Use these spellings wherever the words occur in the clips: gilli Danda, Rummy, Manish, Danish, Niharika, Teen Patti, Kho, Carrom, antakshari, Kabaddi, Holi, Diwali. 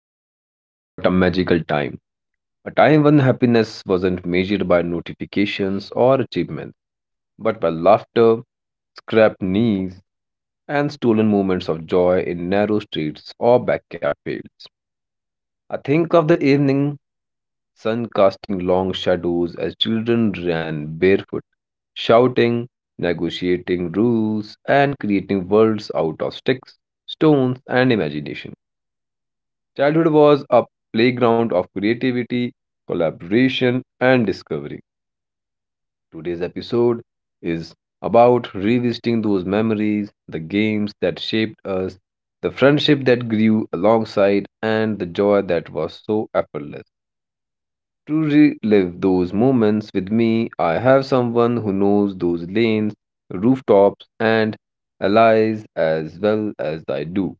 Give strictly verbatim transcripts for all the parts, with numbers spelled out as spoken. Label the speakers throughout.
Speaker 1: Childhood. What a magical time. A time when happiness wasn't measured by notifications or achievements, but by laughter, scrapped knees, and stolen moments of joy in narrow streets or backyard fields. I think of the evening sun casting long shadows as children ran barefoot, shouting, negotiating rules, and creating worlds out of sticks, stones, and imagination. Childhood was a playground of creativity, collaboration, and discovery. Today's episode is about revisiting those memories, the games that shaped us, the friendship that grew alongside, and the joy that was so effortless. To relive those moments with me, I have someone who knows those lanes, rooftops, and alleys as well as I do.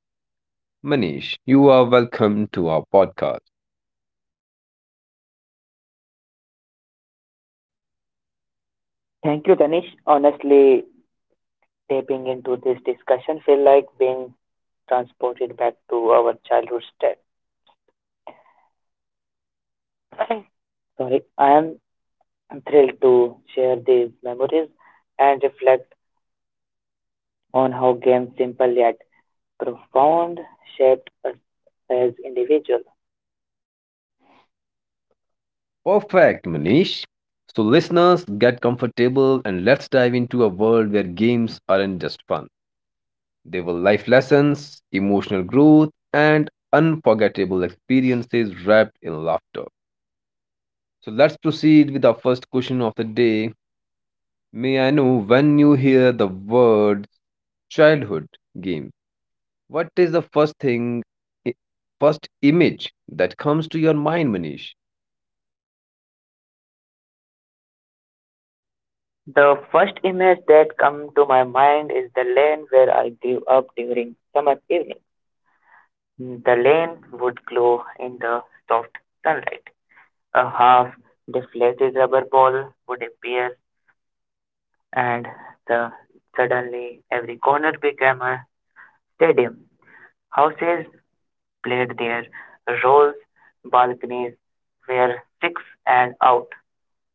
Speaker 1: Manish, you are welcome to our podcast.
Speaker 2: Thank you, Danish. Honestly, tapping into this discussion feel like being transported back to our childhood state. Sorry, I am thrilled to share these memories and reflect on how games, simple yet profound, shaped us as individuals.
Speaker 1: Perfect, Manish. So, listeners, get comfortable and let's dive into a world where games aren't just fun. They were life lessons, emotional growth, and unforgettable experiences wrapped in laughter. So, let's proceed with our first question of the day. May I know when you hear the word childhood game, what is the first thing, i- first image that comes to your mind, Manish?
Speaker 2: The first image that come to my mind is the lane where I grew up during summer evening. The lane would glow in the soft sunlight. A half deflated rubber ball would appear, and the suddenly every corner became a stadium. Houses played their roles, balconies were six and out.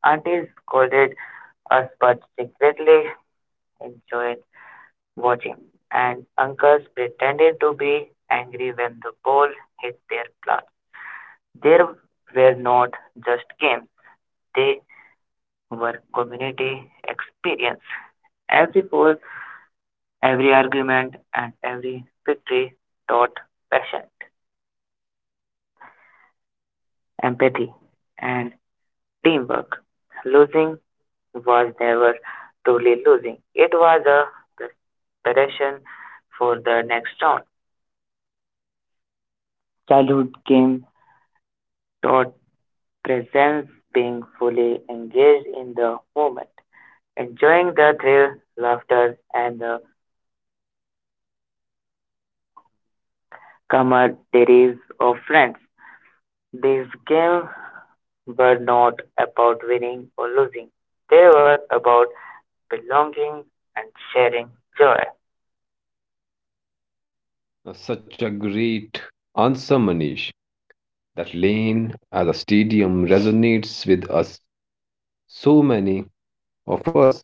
Speaker 2: Aunties scolded us but secretly enjoyed watching, and uncles pretended to be angry when the ball hit their plot. There were not just games, they were community experience. Every poll, every argument, and every victory taught patience, empathy, and teamwork. Losing was never truly losing. It was a preparation for the next round. Childhood game taught presence, being fully engaged in the moment, enjoying the thrill, laughter, and the camaraderie of friends. These games were not about winning or losing. They were about belonging and sharing joy.
Speaker 1: Now, such a great answer, Manish. That lane as a stadium resonates with us. So many of us,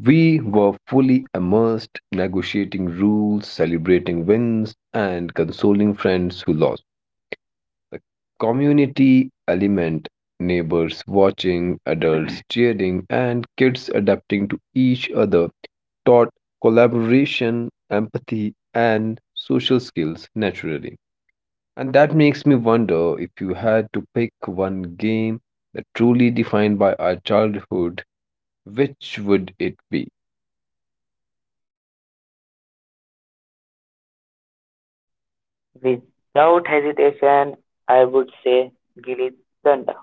Speaker 1: we were fully immersed negotiating rules, celebrating wins, and consoling friends who lost. The community element, neighbors watching, adults cheering, and kids adapting to each other, taught collaboration, empathy, and social skills naturally. And that makes me wonder, if you had to pick one game that truly defined by our childhood, which would it be?
Speaker 2: Without hesitation, I would say gilli Danda.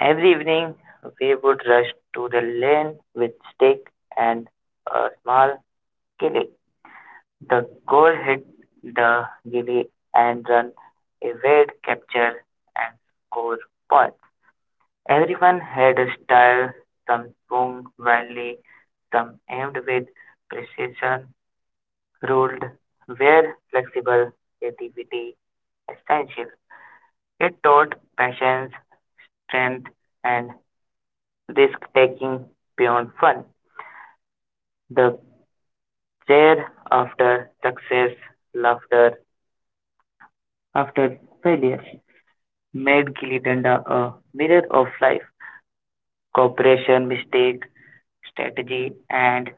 Speaker 2: Every evening, we would rush to the lane with stick and a small gilli. The goal hit the gilli and run away, capture and score point. Everyone had a style, some swung wildly, some aimed with precision, ruled were flexible, creativity essential. It taught patience, strength, and risk taking beyond fun. The cheer after success, laughter after failure made Gilitanda a mirror of life, cooperation, mistake, strategy, and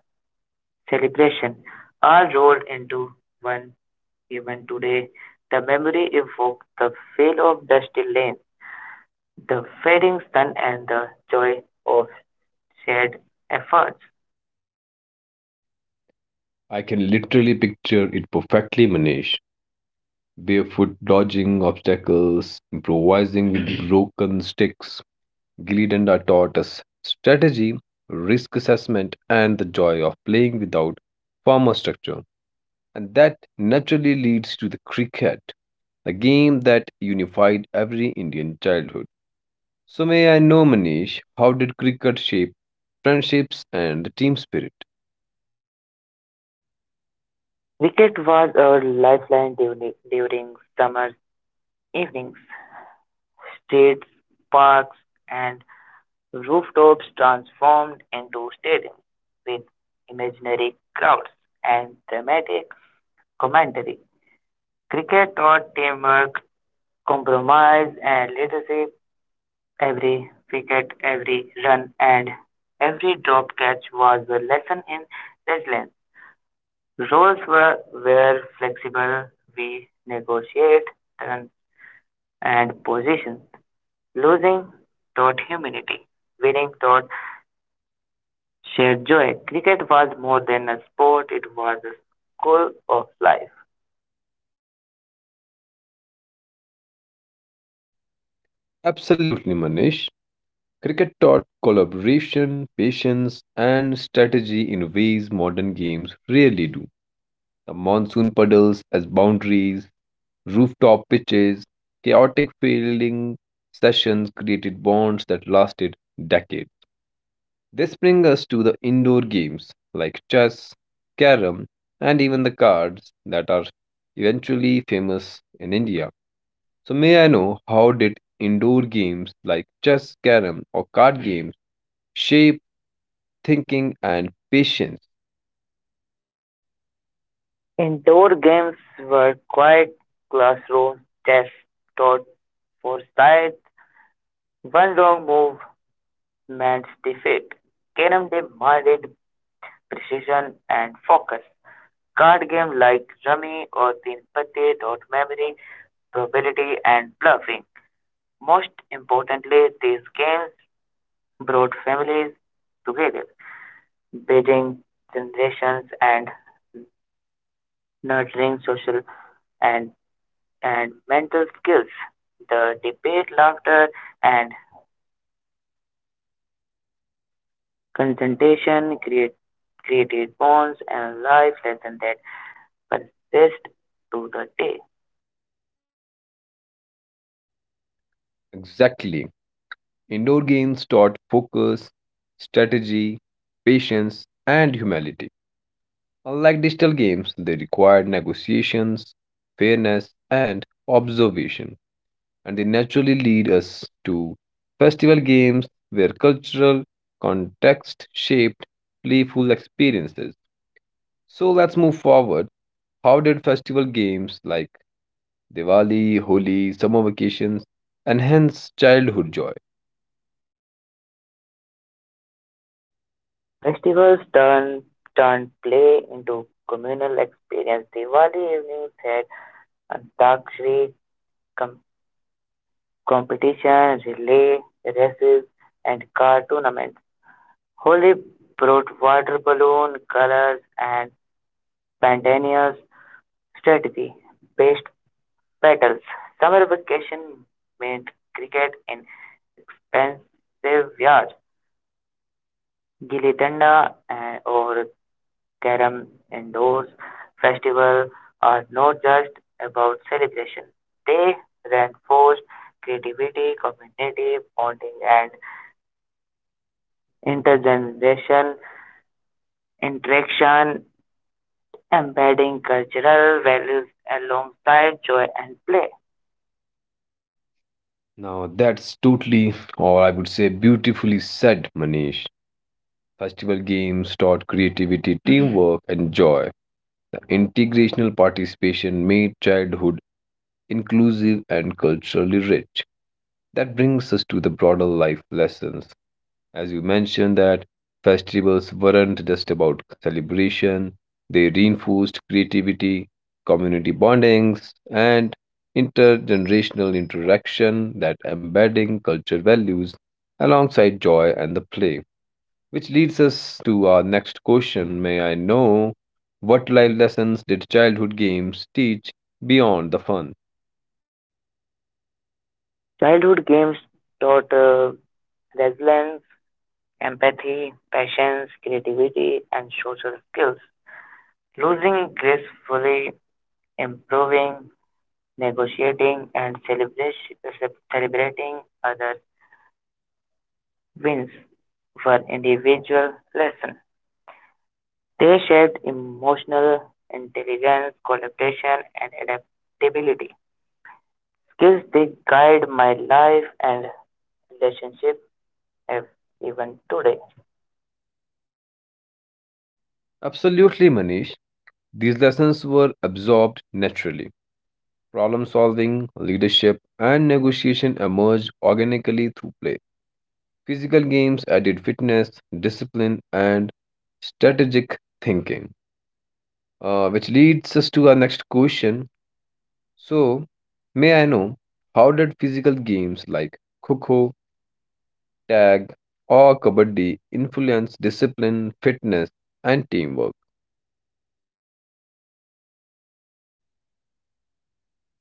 Speaker 2: celebration, are rolled into one. Even today, the memory evokes the feel of dusty lane, the fading sun, and the joy of shared efforts.
Speaker 1: I can literally picture it perfectly, Manish. Barefoot dodging obstacles, improvising with broken sticks. Gilly Danda taught us strategy, risk assessment, and the joy of playing without formal structure. And that naturally leads to the cricket, a game that unified every Indian childhood. So may I know, Manish, how did cricket shape friendships and team spirit?
Speaker 2: Cricket was our lifeline during, during summer evenings. Streets, parks, and rooftops transformed into stadiums with imaginary crowds and dramatic commentary. Cricket taught teamwork, compromise and leadership. Every wicket, every run, and every drop catch was a lesson in resilience. Roles were, were flexible. We negotiate turns and positions. Losing taught humility. Winning taught shared joy. Cricket was more than a sport, it was a school of life.
Speaker 1: Absolutely, Manish. Cricket taught collaboration, patience, and strategy in ways modern games rarely do. The monsoon puddles as boundaries, rooftop pitches, chaotic fielding sessions created bonds that lasted decades. This brings us to the indoor games like chess, carom, and even the cards that are eventually famous in India. So, may I know, how did indoor games like chess, carom, or card games shape thinking and patience?
Speaker 2: Indoor games were quiet classrooms, tests taught foresight, one wrong move meant defeat. Carrom demanded precision and focus. Card games like Rummy or Teen Patti taught memory, probability, and bluffing. Most importantly, these games brought families together, building generations and nurturing social and, and mental skills. The debate, laughter, and concentration create, created bonds and life lessons that persist to the day.
Speaker 1: Exactly. Indoor games taught focus, strategy, patience, and humility. Unlike digital games, they required negotiations, fairness, and observation. And they naturally lead us to festival games where cultural context shaped playful experiences. So let's move forward. How did festival games like Diwali, Holi, summer vacations enhance childhood joy?
Speaker 2: Festivals turn turn play into communal experience. Diwali evenings had antakshari com- competition, relay races, and car tournaments. Holi brought water balloon colors and spontaneous strategy based battles. Summer vacation meant cricket in expensive yards, gilli danda, and or Carrom and those festivals are not just about celebration. They reinforce creativity, community bonding, and intergenerational interaction, embedding cultural values alongside joy and play.
Speaker 1: Now that's totally, or I would say, beautifully said, Manish. Festival games taught creativity, teamwork, and joy. The integrational participation made childhood inclusive and culturally rich. That brings us to the broader life lessons. As you mentioned, that festivals weren't just about celebration, they reinforced creativity, community bondings, and intergenerational interaction that embedding culture values alongside joy and the play. Which leads us to our next question. May I know, what life lessons did childhood games teach beyond the fun?
Speaker 2: Childhood games taught uh, resilience, empathy, patience, creativity, and social skills. Losing gracefully, improving negotiating, and celebration- celebrating other wins were individual lessons. They shaped emotional intelligence, collaboration, and adaptability. Skills that guide my life and relationship ev- even today.
Speaker 1: Absolutely, Manish. These lessons were absorbed naturally. Problem solving, leadership, and negotiation emerged organically through play. Physical games added fitness, discipline, and strategic thinking. Uh, which leads us to our next question. So, may I know, how did physical games like Kho, tag, or kabaddi influence discipline, fitness, and teamwork?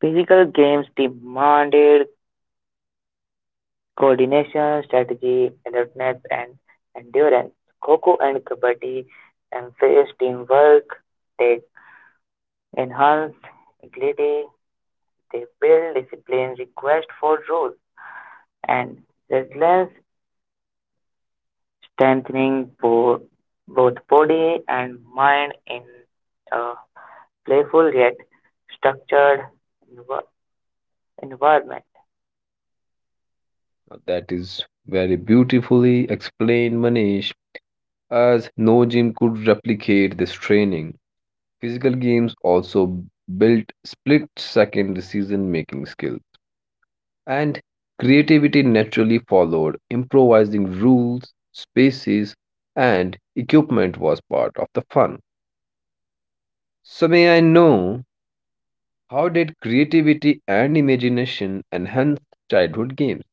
Speaker 2: Physical games demanded coordination, strategy, alertness, and endurance. Kho and Kabaddi emphasized teamwork. They enhanced agility, they build discipline, request for rules, and resilience, strengthening bo- both body and mind in a playful yet structured env- environment.
Speaker 1: Now, that is very beautifully explained, Manish. As no gym could replicate this training, physical games also built split second decision making skills. And creativity naturally followed. Improvising rules, spaces, and equipment was part of the fun. So, may I know, how did creativity and imagination enhance childhood games?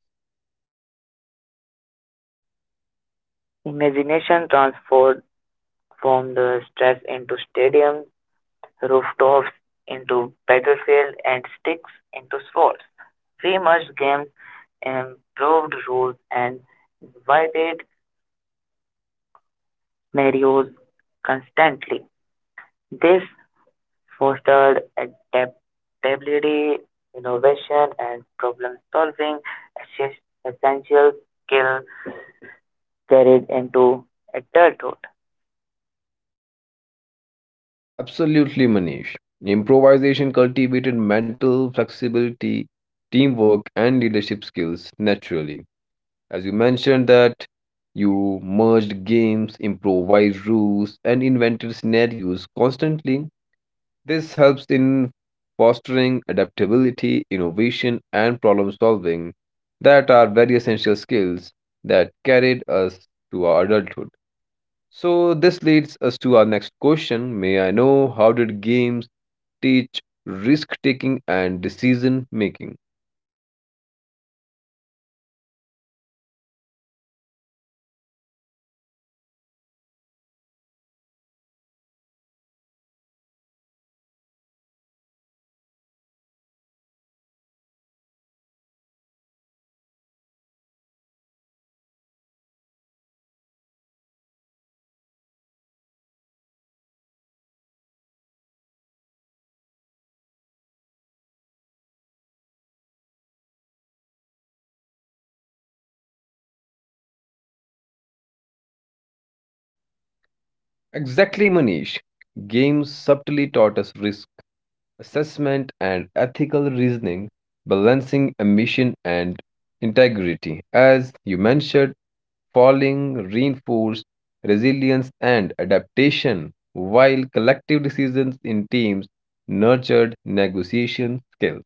Speaker 2: Imagination transforms the stress into stadiums, rooftops into battlefield, and sticks into swords. We must games improved rules and invited scenarios constantly. This fostered adaptability, innovation, and problem-solving, esses- essential skills carried into adulthood.
Speaker 1: Absolutely, Manish. Improvisation cultivated mental flexibility, teamwork, and leadership skills naturally. As you mentioned that you merged games, improvised rules, and invented scenarios constantly. This helps in fostering adaptability, innovation, and problem solving that are very essential skills that carried us to our adulthood. So, this leads us to our next question. May I know, how did games teach risk taking and decision making? Exactly, Manish. Games subtly taught us risk assessment and ethical reasoning, balancing ambition and integrity. As you mentioned, falling reinforced resilience and adaptation, while collective decisions in teams nurtured negotiation skills.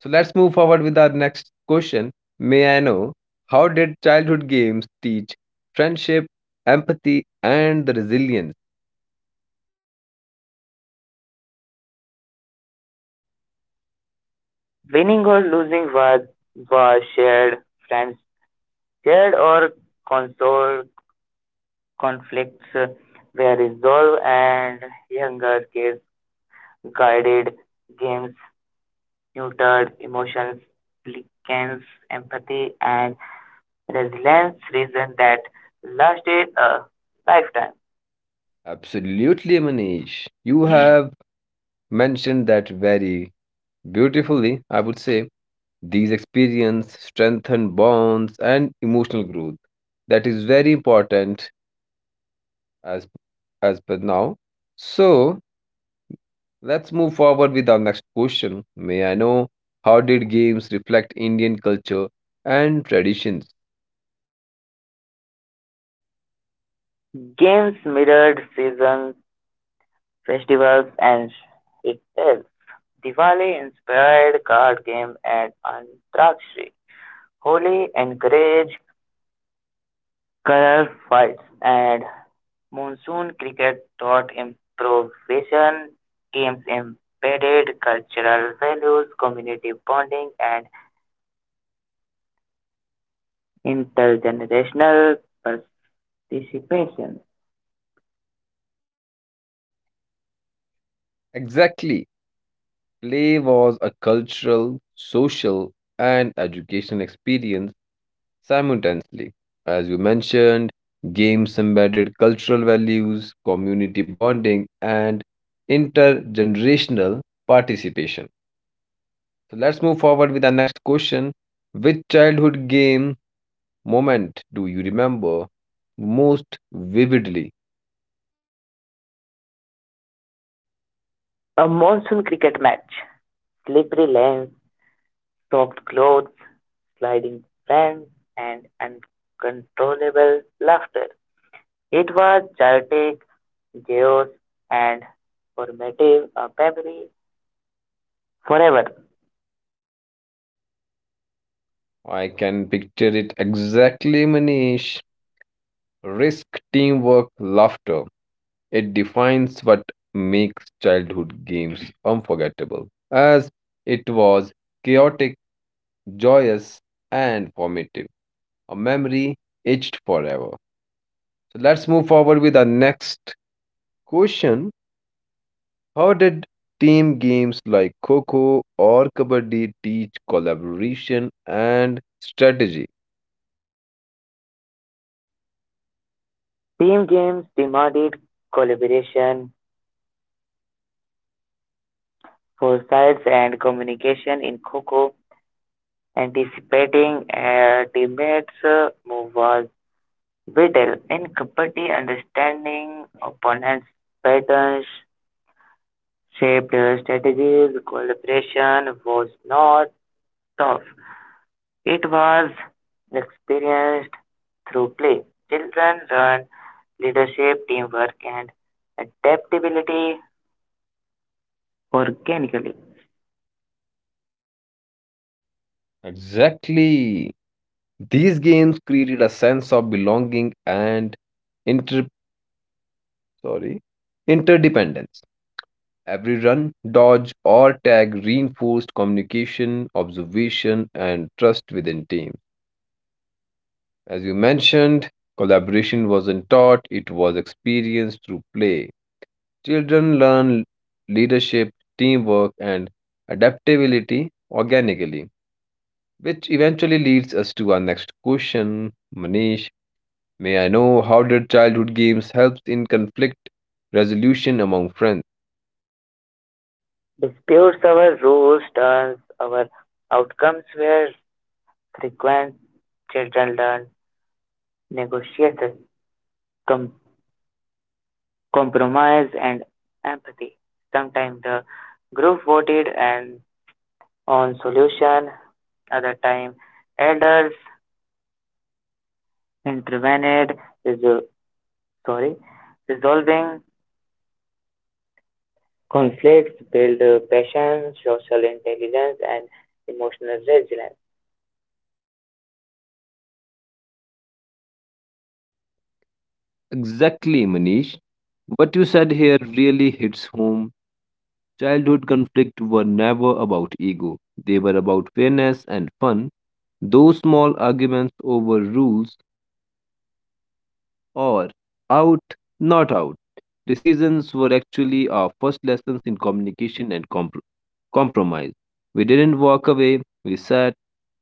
Speaker 1: So let's move forward with our next question. May I know, how did childhood games teach friendship, empathy, and the resilience?
Speaker 2: Winning or losing was, was shared, friends shared or console conflicts were resolved, and younger kids guided games, neutered emotions, likens empathy, and resilience seasons that lasted a lifetime.
Speaker 1: Absolutely, Manish. You have mentioned that very beautifully, I would say. These experiences strengthen bonds and emotional growth. That is very important as as per now. So let's move forward with our next question. May I know, how did games reflect Indian culture and traditions?
Speaker 2: Games mirrored seasons, festivals, and itself. Diwali inspired card game and Antakshari. Holi encouraged color fights, and monsoon cricket taught improvisation. Games embedded cultural values, community bonding, and intergenerational participation.
Speaker 1: Exactly. Play was a cultural, social, and educational experience simultaneously. As you mentioned, games embedded cultural values, community bonding, and intergenerational participation. So let's move forward with our next question. Which childhood game moment do you remember most vividly?
Speaker 2: A monsoon cricket match. Slippery lanes, soaked clothes, sliding friends, and uncontrollable laughter. It was chaotic, chaos, and formative a memory forever.
Speaker 1: I can picture it exactly, Manish. Risk, teamwork, laughter. It defines what makes childhood games unforgettable, as it was chaotic, joyous, and formative, a memory etched forever. So let's move forward with our next question. How did team games like Coco or Kabaddi teach collaboration and strategy?
Speaker 2: Team games demanded collaboration, foresight, and communication in Coco. Anticipating a teammate's uh, move was vital in competing understanding opponents' patterns shaped strategies. Collaboration was not tough. It was experienced through play. Children learn leadership, teamwork, and adaptability organically.
Speaker 1: Exactly. These games created a sense of belonging and inter sorry interdependence. Every run, dodge, or tag reinforced communication, observation, and trust within teams. As you mentioned, collaboration wasn't taught, it was experienced through play. Children learn leadership, teamwork, and adaptability organically, which eventually leads us to our next question. Manish, may I know, how did childhood games help in conflict resolution among friends?
Speaker 2: Disputes our rules, turns our outcomes were frequent. Children learn negotiation, com- compromise, and empathy. Sometimes the group voted and on solution other time elders intervened resol- sorry resolving conflicts build uh, passion social intelligence and emotional resilience.
Speaker 1: Exactly, Manish. What you said here really hits home. Childhood conflicts were never about ego, they were about fairness and fun. Those small arguments over rules or out, not out decisions were actually our first lessons in communication and compr- compromise. We didn't walk away, we sat,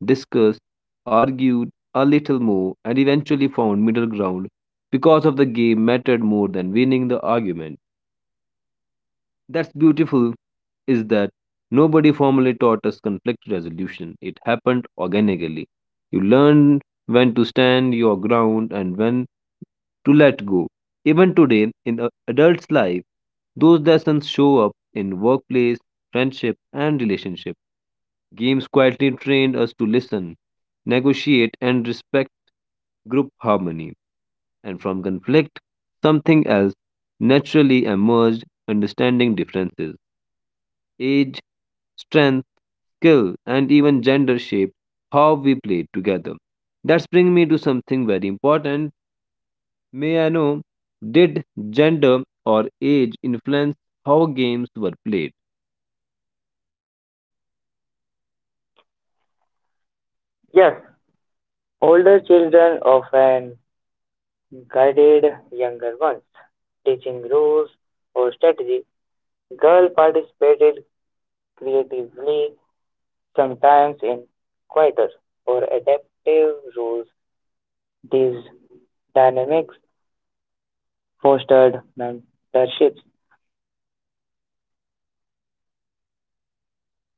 Speaker 1: discussed, argued a little more, and eventually found middle ground because of the game mattered more than winning the argument. That's beautiful is that nobody formally taught us conflict resolution. It happened organically. You learned when to stand your ground and when to let go. Even today, in a adult's life, those lessons show up in workplace, friendship, and relationship. Games quietly trained us to listen, negotiate, and respect group harmony. And from conflict, something else naturally emerged understanding differences age, strength, skill, and even gender shape how we play together. That's bring me to something very important. May I know, did gender or age influence how games were played?
Speaker 2: Yes, older children often guided younger ones teaching rules or strategy. Girl participated creatively sometimes in quieter or adaptive roles. These dynamics fostered mentorships,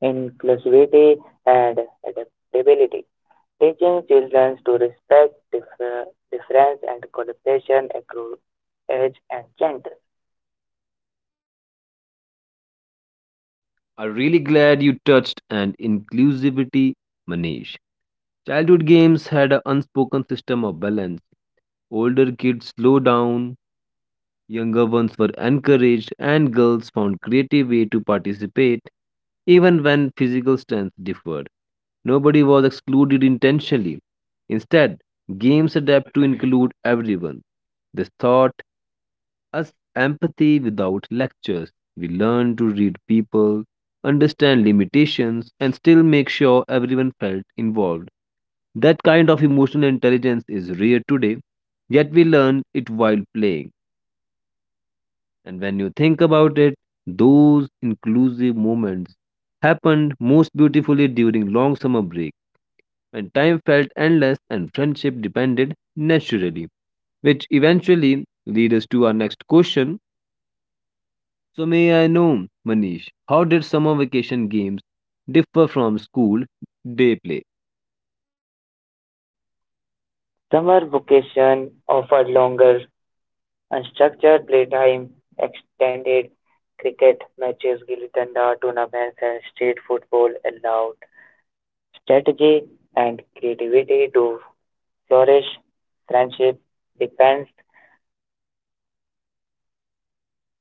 Speaker 2: inclusivity, and adaptability, teaching children to respect differ- difference and collaboration across age and gender.
Speaker 1: I'm really glad you touched and inclusivity, Manish. Childhood games had an unspoken system of balance. Older kids slow down, younger ones were encouraged, and girls found creative ways to participate, even when physical strength differed. Nobody was excluded intentionally. Instead, games adapt to include everyone. This taught us empathy without lectures. We learned to read people, understand limitations, and still make sure everyone felt involved. That kind of emotional intelligence is rare today, yet we learn it while playing. And when you think about it, those inclusive moments happened most beautifully during long summer break, when time felt endless and friendship depended naturally, which eventually lead us to our next question. So may I know, Manish, how did summer vacation games differ from school day play?
Speaker 2: Summer vacation offered longer, unstructured playtime, extended cricket matches, gilli danda tournaments, and street football allowed strategy and creativity to flourish. Friendship depends.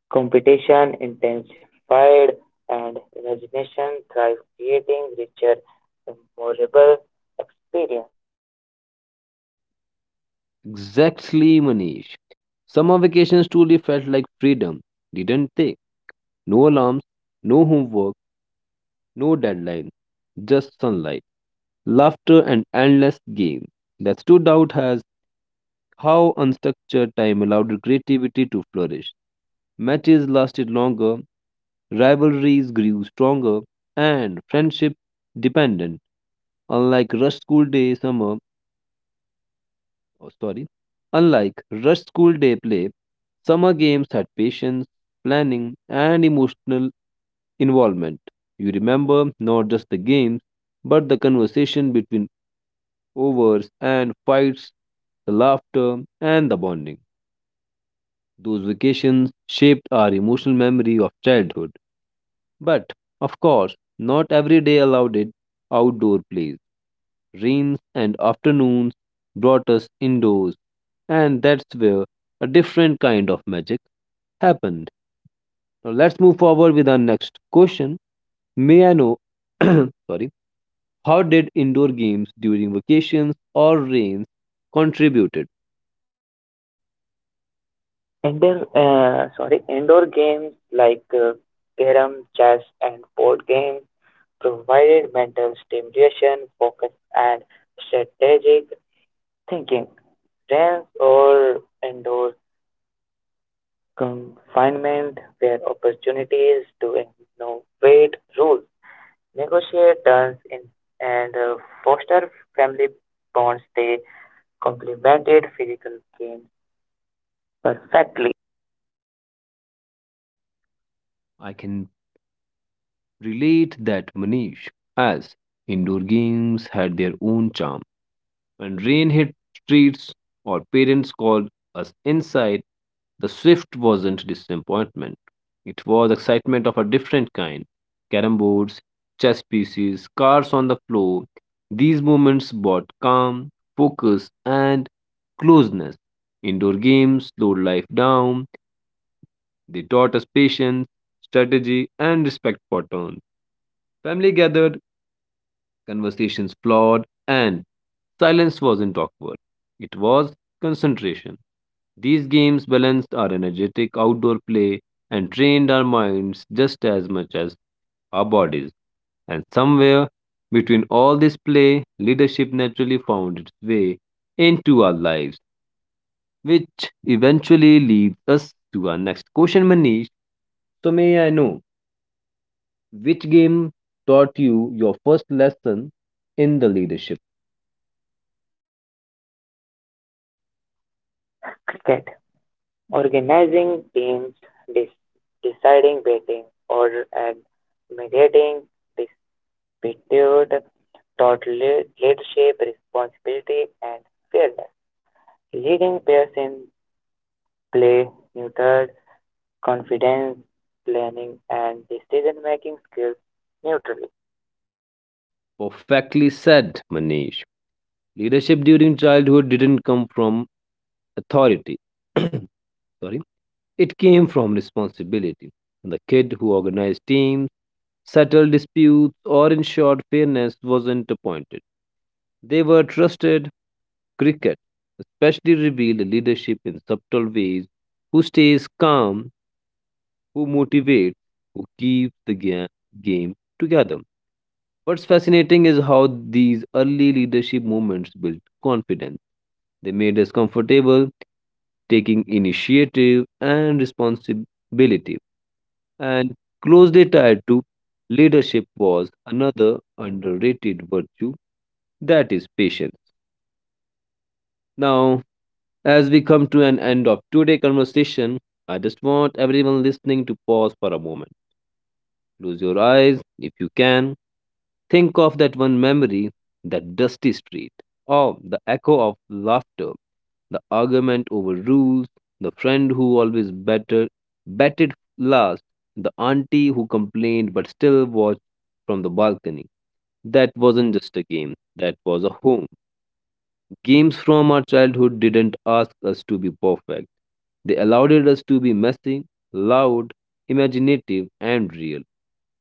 Speaker 2: Competition intensified and imagination thrived, creating richer, memorable experience.
Speaker 1: Exactly, Manish. Summer vacations truly felt like freedom, didn't they? No alarms, no homework, no deadline, just sunlight, laughter, and endless game. That stood out as how unstructured time allowed creativity to flourish. Matches lasted longer, rivalries grew stronger, and friendship dependent. Unlike rush school day summer, oh, sorry, Unlike rush school day play, summer games had patience, planning, and emotional involvement. You remember not just the games, but the conversation between overs and fights, the laughter and the bonding. Those vacations shaped our emotional memory of childhood. But, of course, not every day allowed it outdoor plays. Rains and afternoons brought us indoors, and that's where a different kind of magic happened. Now let's move forward with our next question. May I know, sorry, how did indoor games during vacations or rains contributed?
Speaker 2: Indoor, uh, sorry, indoor games like uh, carom, chess, and board games provided mental stimulation, focus, and strategic thinking. Rents or indoor confinement were opportunities to innovate rules negotiate terms in, and uh, foster family bonds. They complemented physical games perfectly.
Speaker 1: I can relate that, Manish, as indoor games had their own charm. When rain hit streets or parents called us inside, the swift wasn't disappointment. It was excitement of a different kind. Carrom boards, chess pieces, cars on the floor. These moments brought calm, focus, and closeness. Indoor games slowed life down. They taught us patience, strategy, and respect for turns. Family gathered conversations flawed and silence wasn't awkward. It was concentration. These games balanced our energetic outdoor play and trained our minds just as much as our bodies. And somewhere between all this play, leadership naturally found its way into our lives, which eventually leads us to our next question, Manish. So, may I know, which game taught you your first lesson in the leadership?
Speaker 2: Cricket, organizing teams, de- deciding batting order, and mediating dispute taught le- leadership, responsibility, and fairness. Leading players in play neutered confidence, planning, and decision-making skills neutrally.
Speaker 1: Perfectly said, Manish. Leadership during childhood didn't come from authority. Sorry. It came from responsibility. The kid who organized teams, settled disputes, or ensured fairness wasn't appointed. They were trusted. Cricket especially revealed leadership in subtle ways, who stays calm, who motivates, who keeps the ga- game together. What's fascinating is how these early leadership movements built confidence. They made us comfortable taking initiative and responsibility, and closely tied to leadership was another underrated virtue, that is patience. Now, as we come to an end of today's conversation, I just want everyone listening to pause for a moment. Close your eyes if you can. Think of that one memory, that dusty street, or the echo of laughter, the argument over rules, the friend who always better batted last, the auntie who complained but still watched from the balcony. That wasn't just a game, that was a home. Games from our childhood didn't ask us to be perfect. They allowed us to be messy, loud, imaginative, and real.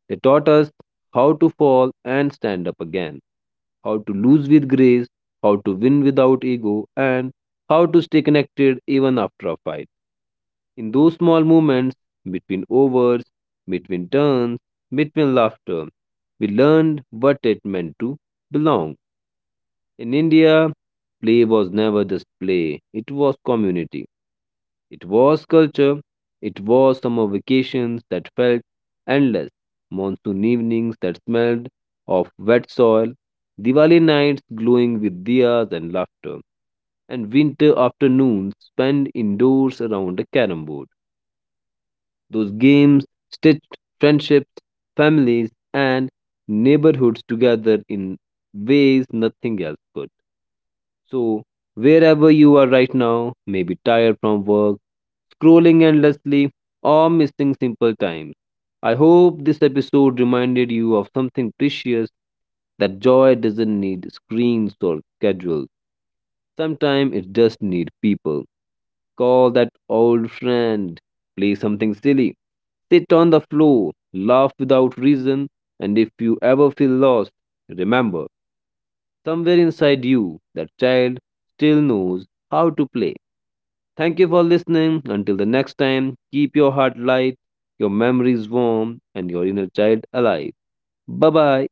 Speaker 1: They taught us how to fall and stand up again, how to lose with grace, how to win without ego, and how to stay connected even after a fight. In those small moments, between overs, between turns, between laughter, we learned what it meant to belong. In India, play was never just play, it was community, it was culture, it was summer vacations that felt endless, monsoon evenings that smelled of wet soil, Diwali nights glowing with diyas and laughter, and winter afternoons spent indoors around a carom board. Those games stitched friendships, families, and neighborhoods together in ways nothing else could. So, wherever you are right now, maybe tired from work, scrolling endlessly, or missing simple times, I hope this episode reminded you of something precious, that joy doesn't need screens or schedules. Sometimes it just needs people. Call that old friend, play something silly, sit on the floor, laugh without reason, and if you ever feel lost, remember, somewhere inside you, that child still knows how to play. Thank you for listening. Until the next time, keep your heart light, your memories warm, and your inner child alive. Bye bye.